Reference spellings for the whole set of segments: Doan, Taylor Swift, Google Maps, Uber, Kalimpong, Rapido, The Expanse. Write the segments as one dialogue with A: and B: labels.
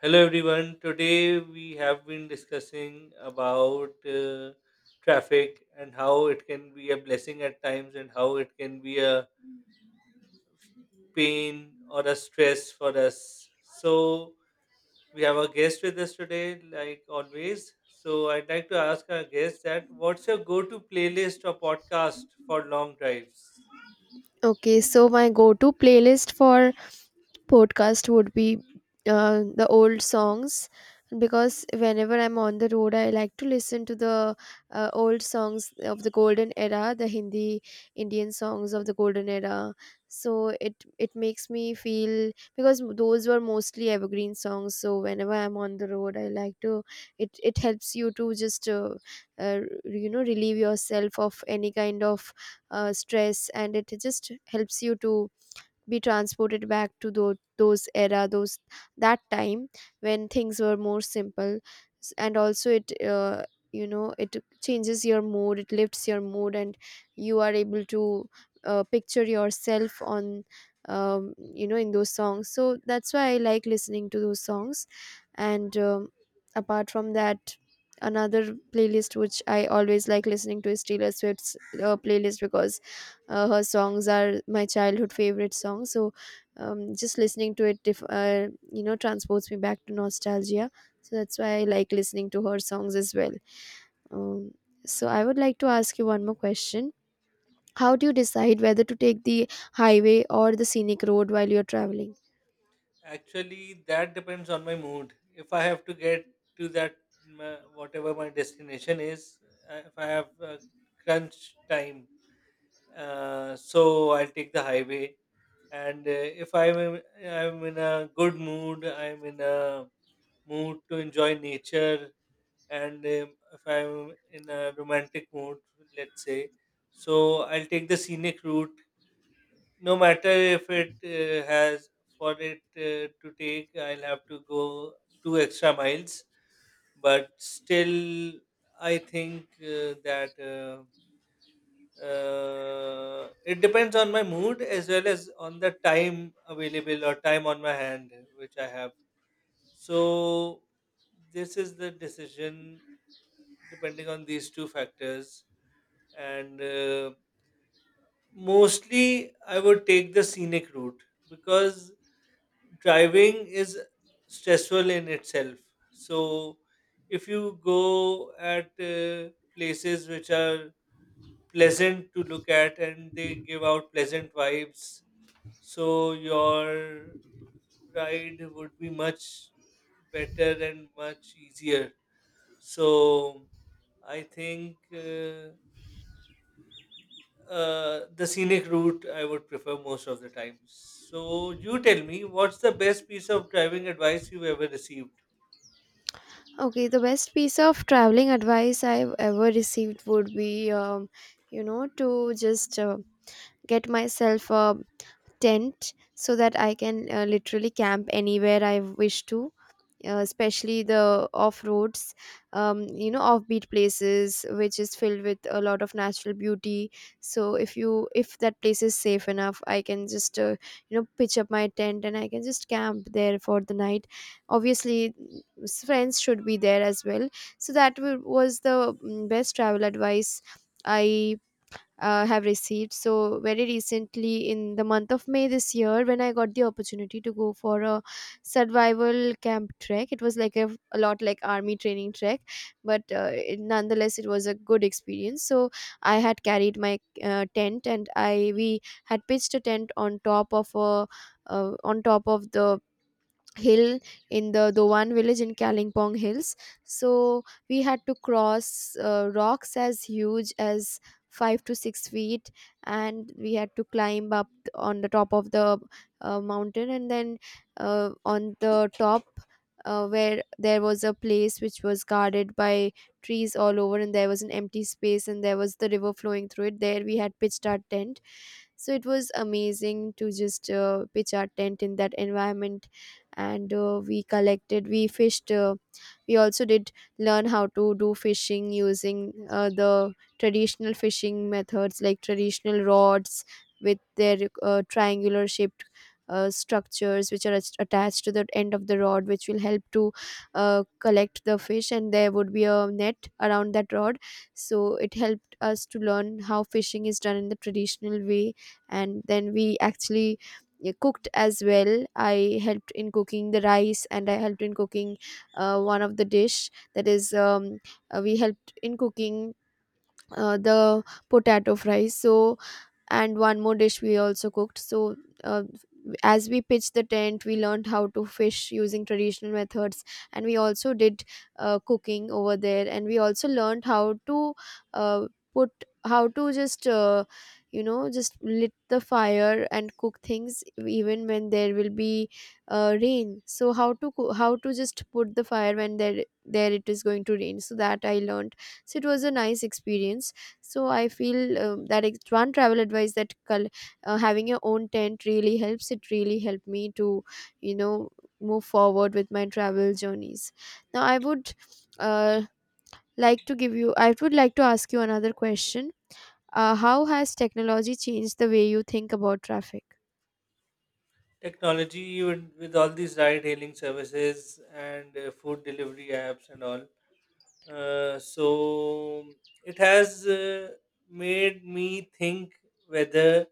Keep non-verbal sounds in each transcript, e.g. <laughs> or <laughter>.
A: Hello everyone. Today we have been discussing about traffic and how it can be a blessing at times and how it can be a pain or a stress for us. So we have a guest with us today, like always. So I'd like to ask our guest that what's your go-to playlist or podcast for long drives?
B: Okay, so my go to playlist for podcast would be the old songs because whenever I'm on the road, I like to listen to the old songs of the golden era, the Hindi Indian songs of the golden era. So it makes me feel because those were mostly evergreen songs. So whenever I'm on the road, I like to it helps you to just relieve yourself of any kind of stress, and it just helps you to be transported back to those that time when things were more simple. And also it it changes your mood, it lifts your mood, and you are able to picture yourself on, in those songs, so that's why I like listening to those songs. And apart from that, another playlist which I always like listening to is Taylor Swift's playlist, because her songs are my childhood favorite songs. So just listening to it, if you know transports me back to nostalgia, so that's why I like listening to her songs as well. um, so I would like to ask you one more question. How do you decide whether to take the highway or the scenic road while you're traveling?
A: Actually, that depends on my mood. If I have to get to that, whatever my destination is, if I have crunch time, So I'll take the highway. And if I'm in a good mood, I'm in a mood to enjoy nature, and if I'm in a romantic mood, let's say, so I'll take the scenic route no matter if it has for it to take I'll have to go two extra miles. But still, I think that it depends on my mood as well as on the time available or time on my hand which I have. So this is the decision, depending on these two factors. And mostly I would take the scenic route, because driving is stressful in itself. So if you go at places which are pleasant to look at and they give out pleasant vibes, so your ride would be much better and much easier. So I think the scenic route I would prefer most of the time. So you tell me, what's the best piece of driving advice you've ever received?
B: Okay, the best piece of traveling advice I've ever received would be, to just get myself a tent so that I can literally camp anywhere I wish to, especially the off roads, offbeat places which is filled with a lot of natural beauty. So if you, if that place is safe enough, I can just pitch up my tent and I can just camp there for the night. Obviously, friends should be there as well. So that was the best travel advice I have received. So, very recently, in the month of May this year, when I got the opportunity to go for a survival camp trek, it was like a lot like army training trek, but it, nonetheless, it was a good experience. So, I had carried my tent and I we had pitched a tent on top of a on top of the hill in the Doan village in Kalimpong Hills. So we had to cross rocks as huge as 5 to 6 feet, and we had to climb up on the top of the mountain. And then on the top, where there was a place which was guarded by trees all over, and there was an empty space, and there was the river flowing through it. There we had pitched our tent, so it was amazing to just pitch our tent in that environment. And we fished, we also did learn how to do fishing using the traditional fishing methods, like traditional rods with their triangular shaped structures which are attached to the end of the rod, which will help to collect the fish, and there would be a net around that rod. So it helped us to learn how fishing is done in the traditional way. And then we actually, yeah, cooked as well. I helped in cooking the rice, and I helped in cooking one of the dish that is, we helped in cooking the potato fries. So, and one more dish we also cooked. So uh, as we pitched the tent, we learned how to fish using traditional methods, and we also did cooking over there, and we also learned how to uh, put, how to just just lit the fire and cook things even when there will be rain. So how to how to just put the fire when there it is going to rain, so that I learned. So it was a nice experience. So I feel that it's one travel advice that having your own tent really helps. It really helped me to, you know, move forward with my travel journeys. Now I would uh, like to give you I would like to ask you another question. How has technology changed the way you think about traffic?
A: Technology, even with all these ride hailing services and food delivery apps and all, so it has made me think whether,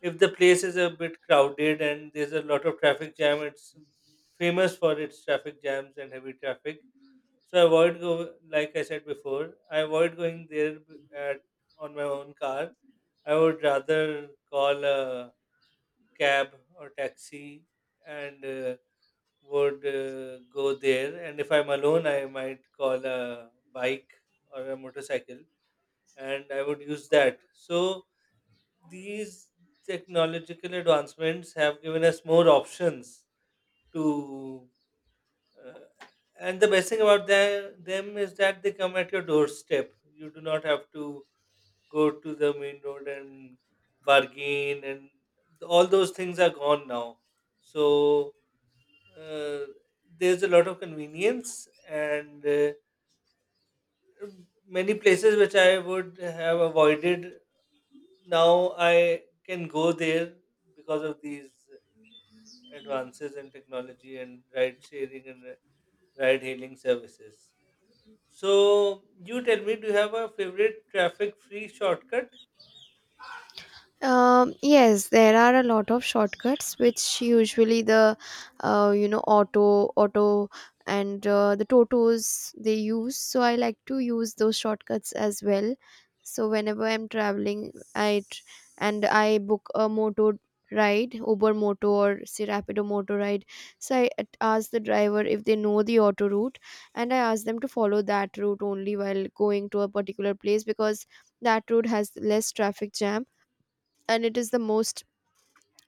A: if the place is a bit crowded and there's a lot of traffic jam, it's famous for its traffic jams and heavy traffic. So I avoid go like I said before, I avoid going there at, on my own car. I would rather call a cab or taxi, and would go there. And if I'm alone, I might call a bike or a motorcycle, and I would use that. So these technological advancements have given us more options to uh, and the best thing about them is that they come at your doorstep. You do not have to go to the main road and bargain, and all those things are gone now. So uh, there's a lot of convenience, and many places which I would have avoided, now I can go there because of these advances in technology and ride sharing and ride hailing services. So you tell me, do you have a favorite traffic free shortcut?
B: Yes, there are a lot of shortcuts which usually the auto and the totos they use. So I like to use those shortcuts as well. So whenever I'm traveling, and I book a moto ride, Uber Moto or say Rapido Moto ride. So I ask the driver if they know the auto route, and I ask them to follow that route only while going to a particular place, because that route has less traffic jam, and it is the most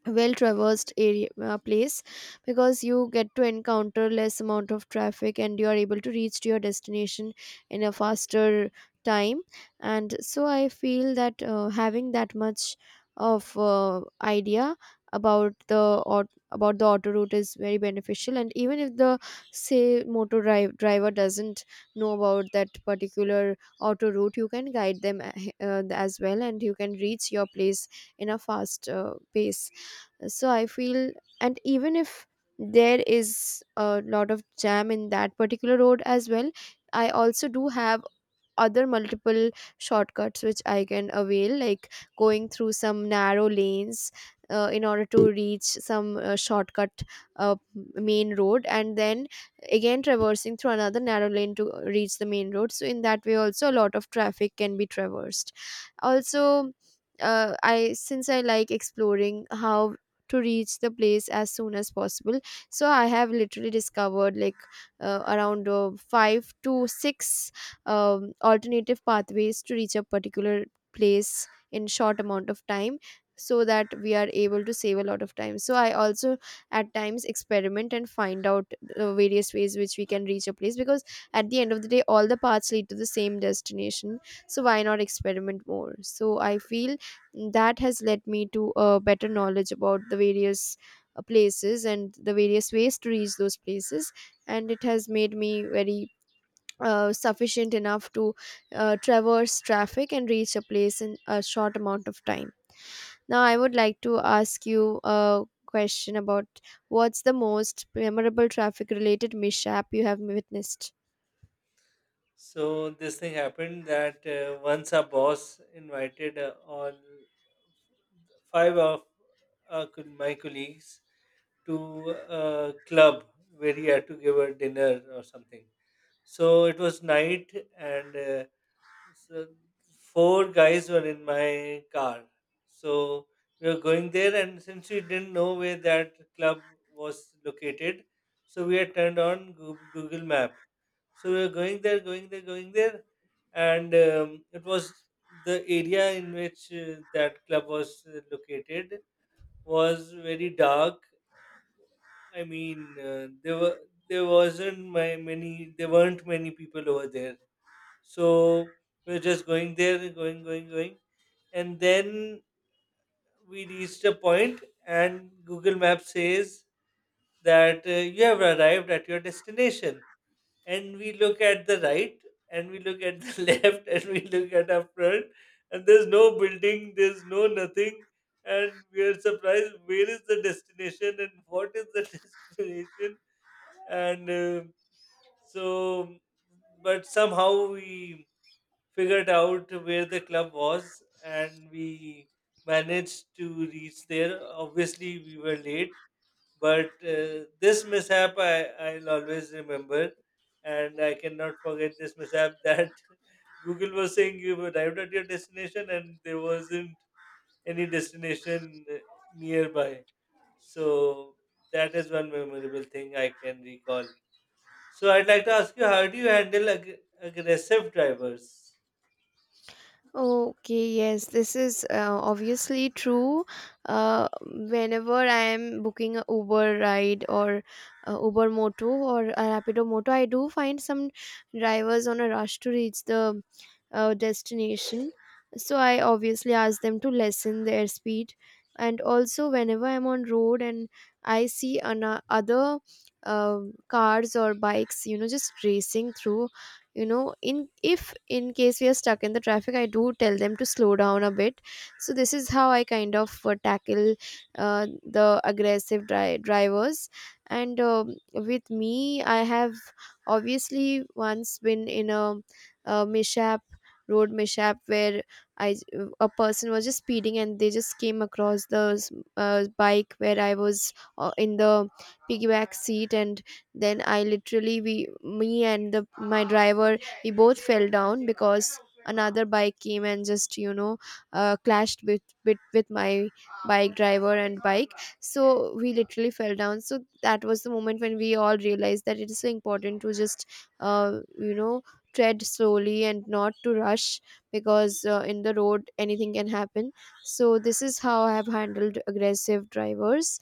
B: well traversed area place, because you get to encounter less amount of traffic and you are able to reach to your destination in a faster time. And so I feel that having that much of idea about the about the auto route is very beneficial. And even if the, say, driver doesn't know about that particular auto route, you can guide them as well, and you can reach your place in a fast pace. So I feel, and even if there is a lot of jam in that particular road as well, I also do have other multiple shortcuts which I can avail, like going through some narrow lanes in order to reach some shortcut uh, main road, and then again traversing through another narrow lane to reach the main road. So, in that way, also a lot of traffic can be traversed. Also, I, since I like exploring how to reach the place as soon as possible, so I have literally discovered like around 5 to 6 alternative pathways to reach a particular place in short amount of time, so that we are able to save a lot of time. So I also at times experiment and find out the various ways which we can reach a place, because at the end of the day all the paths lead to the same destination, so why not experiment more. So I feel that has led me to a better knowledge about the various places and the various ways to reach those places, and it has made me very sufficient enough to traverse traffic and reach a place in a short amount of time. Now, I would like to ask you a question about, what's the most memorable traffic related mishap you have witnessed?
A: So this thing happened that once our boss invited all five of my colleagues to a club where he had to give a dinner or something. So it was night, and so four guys were in my car. So we were going there, and since we didn't know where that club was located, so we had turned on Google Map. So we were going there, going there, and it was the area in which that club was located was very dark. I mean, there were there weren't many people over there. So we're just going there, and going. And then we reached a point, and Google Maps says that you have arrived at your destination. And we look at the right, and we look at the <laughs> left, and we look at our front, and there's no building, there's no nothing. And we are surprised, where is the destination and what is the <laughs> destination? And so, but somehow we figured out where the club was, and we managed to reach there. Obviously, we were late, but this mishap I'll always remember, and I cannot forget this mishap that <laughs> Google was saying you arrived at your destination and there wasn't any destination nearby. So that is one memorable thing I can recall. So I'd like to ask you, how do you handle aggressive drivers?
B: Okay, yes, this is obviously true. Whenever I am booking a Uber ride or Uber Moto or a Rapido Moto, I do find some drivers on a rush to reach the destination. So I obviously ask them to lessen their speed. And also, whenever I'm on road and I see other uh, cars or bikes, you know, just racing through, you know, in if in case we are stuck in the traffic, I do tell them to slow down a bit. So this is how I kind of tackle the aggressive drivers. And with me, I have obviously once been in a mishap, road mishap, where I a person was just speeding and they just came across the bike where I was in the piggyback seat. And then I literally, we me and the my driver, we both fell down because another bike came and just, you know, clashed with, with my bike driver and bike. So we literally fell down. So that was the moment when we all realized that it is so important to just uh, you know tread slowly and not to rush, because in the road anything can happen. So this is how I have handled aggressive drivers.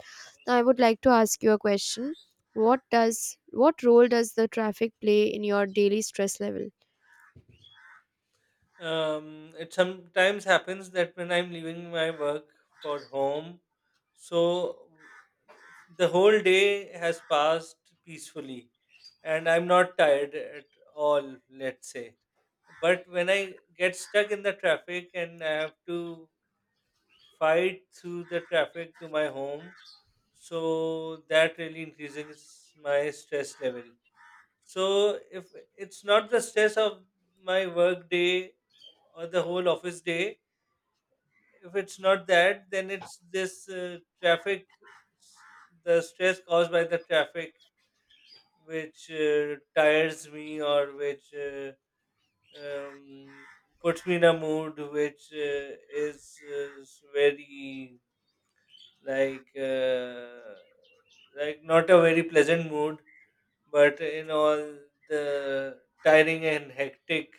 B: Now I would like to ask you a question. What role does the traffic play in your daily stress level?
A: It sometimes happens that when I'm leaving my work for home, so the whole day has passed peacefully and I'm not tired at all, let's say. But when I get stuck in the traffic and I have to fight through the traffic to my home, so that really increases my stress level. So if it's not the stress of my work day or the whole office day. If it's not that, then it's this traffic, s- the stress caused by the traffic, which tires me, or which um, puts me in a mood which is very like uh, like not a very pleasant mood, but in all the tiring and hectic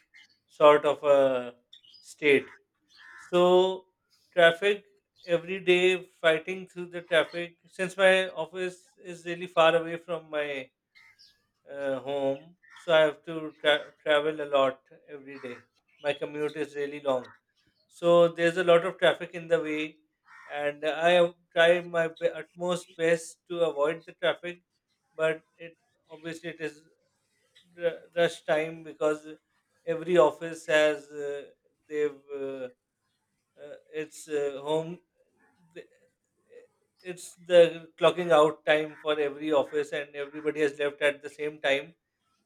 A: sort of a state. So traffic every day, fighting through the traffic. Since my office is really far away from my home, so I have to travel a lot every day. My commute is really long, so there's a lot of traffic in the way, and I have tried my utmost best to avoid the traffic, but it obviously it is rush time because every office has they've. It's th- it's the clocking out time for every office and everybody has left at the same time.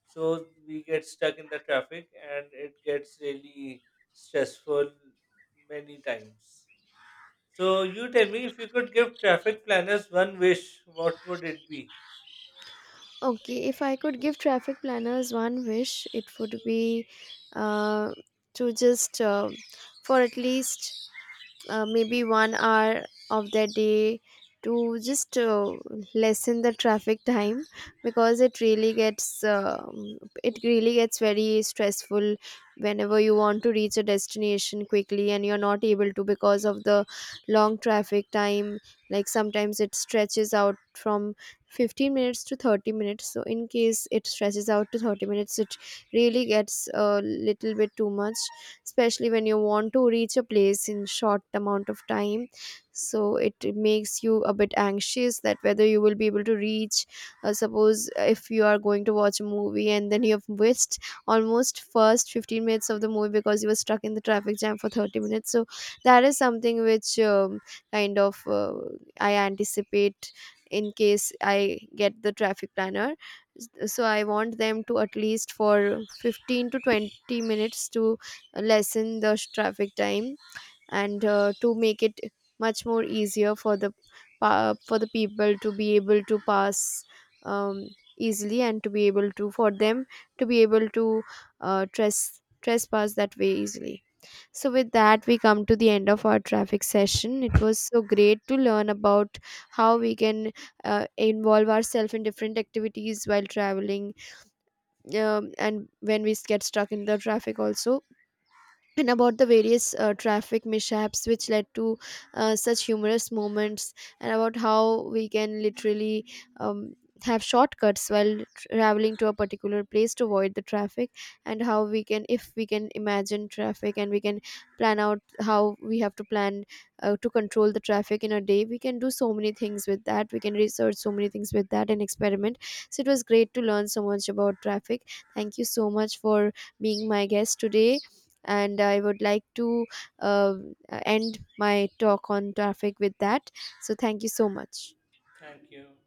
A: So we get stuck in the traffic and it gets really stressful many times. So you tell me, if you could give traffic planners one wish, what would it be?
B: Okay, if I could give traffic planners one wish, it would be uh, to just, uh, for at least maybe 1 hour of their day to just lessen the traffic time, because it really gets very stressful whenever you want to reach a destination quickly and you're not able to because of the long traffic time. Like sometimes it stretches out from 15 minutes to 30 minutes, so in case it stretches out to 30 minutes, it really gets a little bit too much, especially when you want to reach a place in short amount of time. So it makes you a bit anxious that whether you will be able to reach, suppose if you are going to watch a movie and then you have missed almost first 15 minutes of the movie because you were stuck in the traffic jam for 30 minutes. So that is something which, kind of uh, I anticipate in case I get the traffic planner. So I want them to, at least for 15 to 20 minutes, to lessen the traffic time, and to make it much more easier for the for the people to be able to pass, um, easily, and to be able to, for them to be able to trespass that way easily. So with that, we come to the end of our traffic session. It was so great to learn about how we can involve ourselves in different activities while traveling, and when we get stuck in the traffic also, and about the various traffic mishaps which led to such humorous moments, and about how we can literally, um, have shortcuts while traveling to a particular place to avoid the traffic, and how we can, if we can imagine traffic and we can plan out how we have to plan to control the traffic in a day, we can do so many things with that, we can research so many things with that, and experiment. So it was great to learn so much about traffic. Thank you so much for being my guest today, and I would like to uh, end my talk on traffic with that. So thank you so much.
A: Thank you.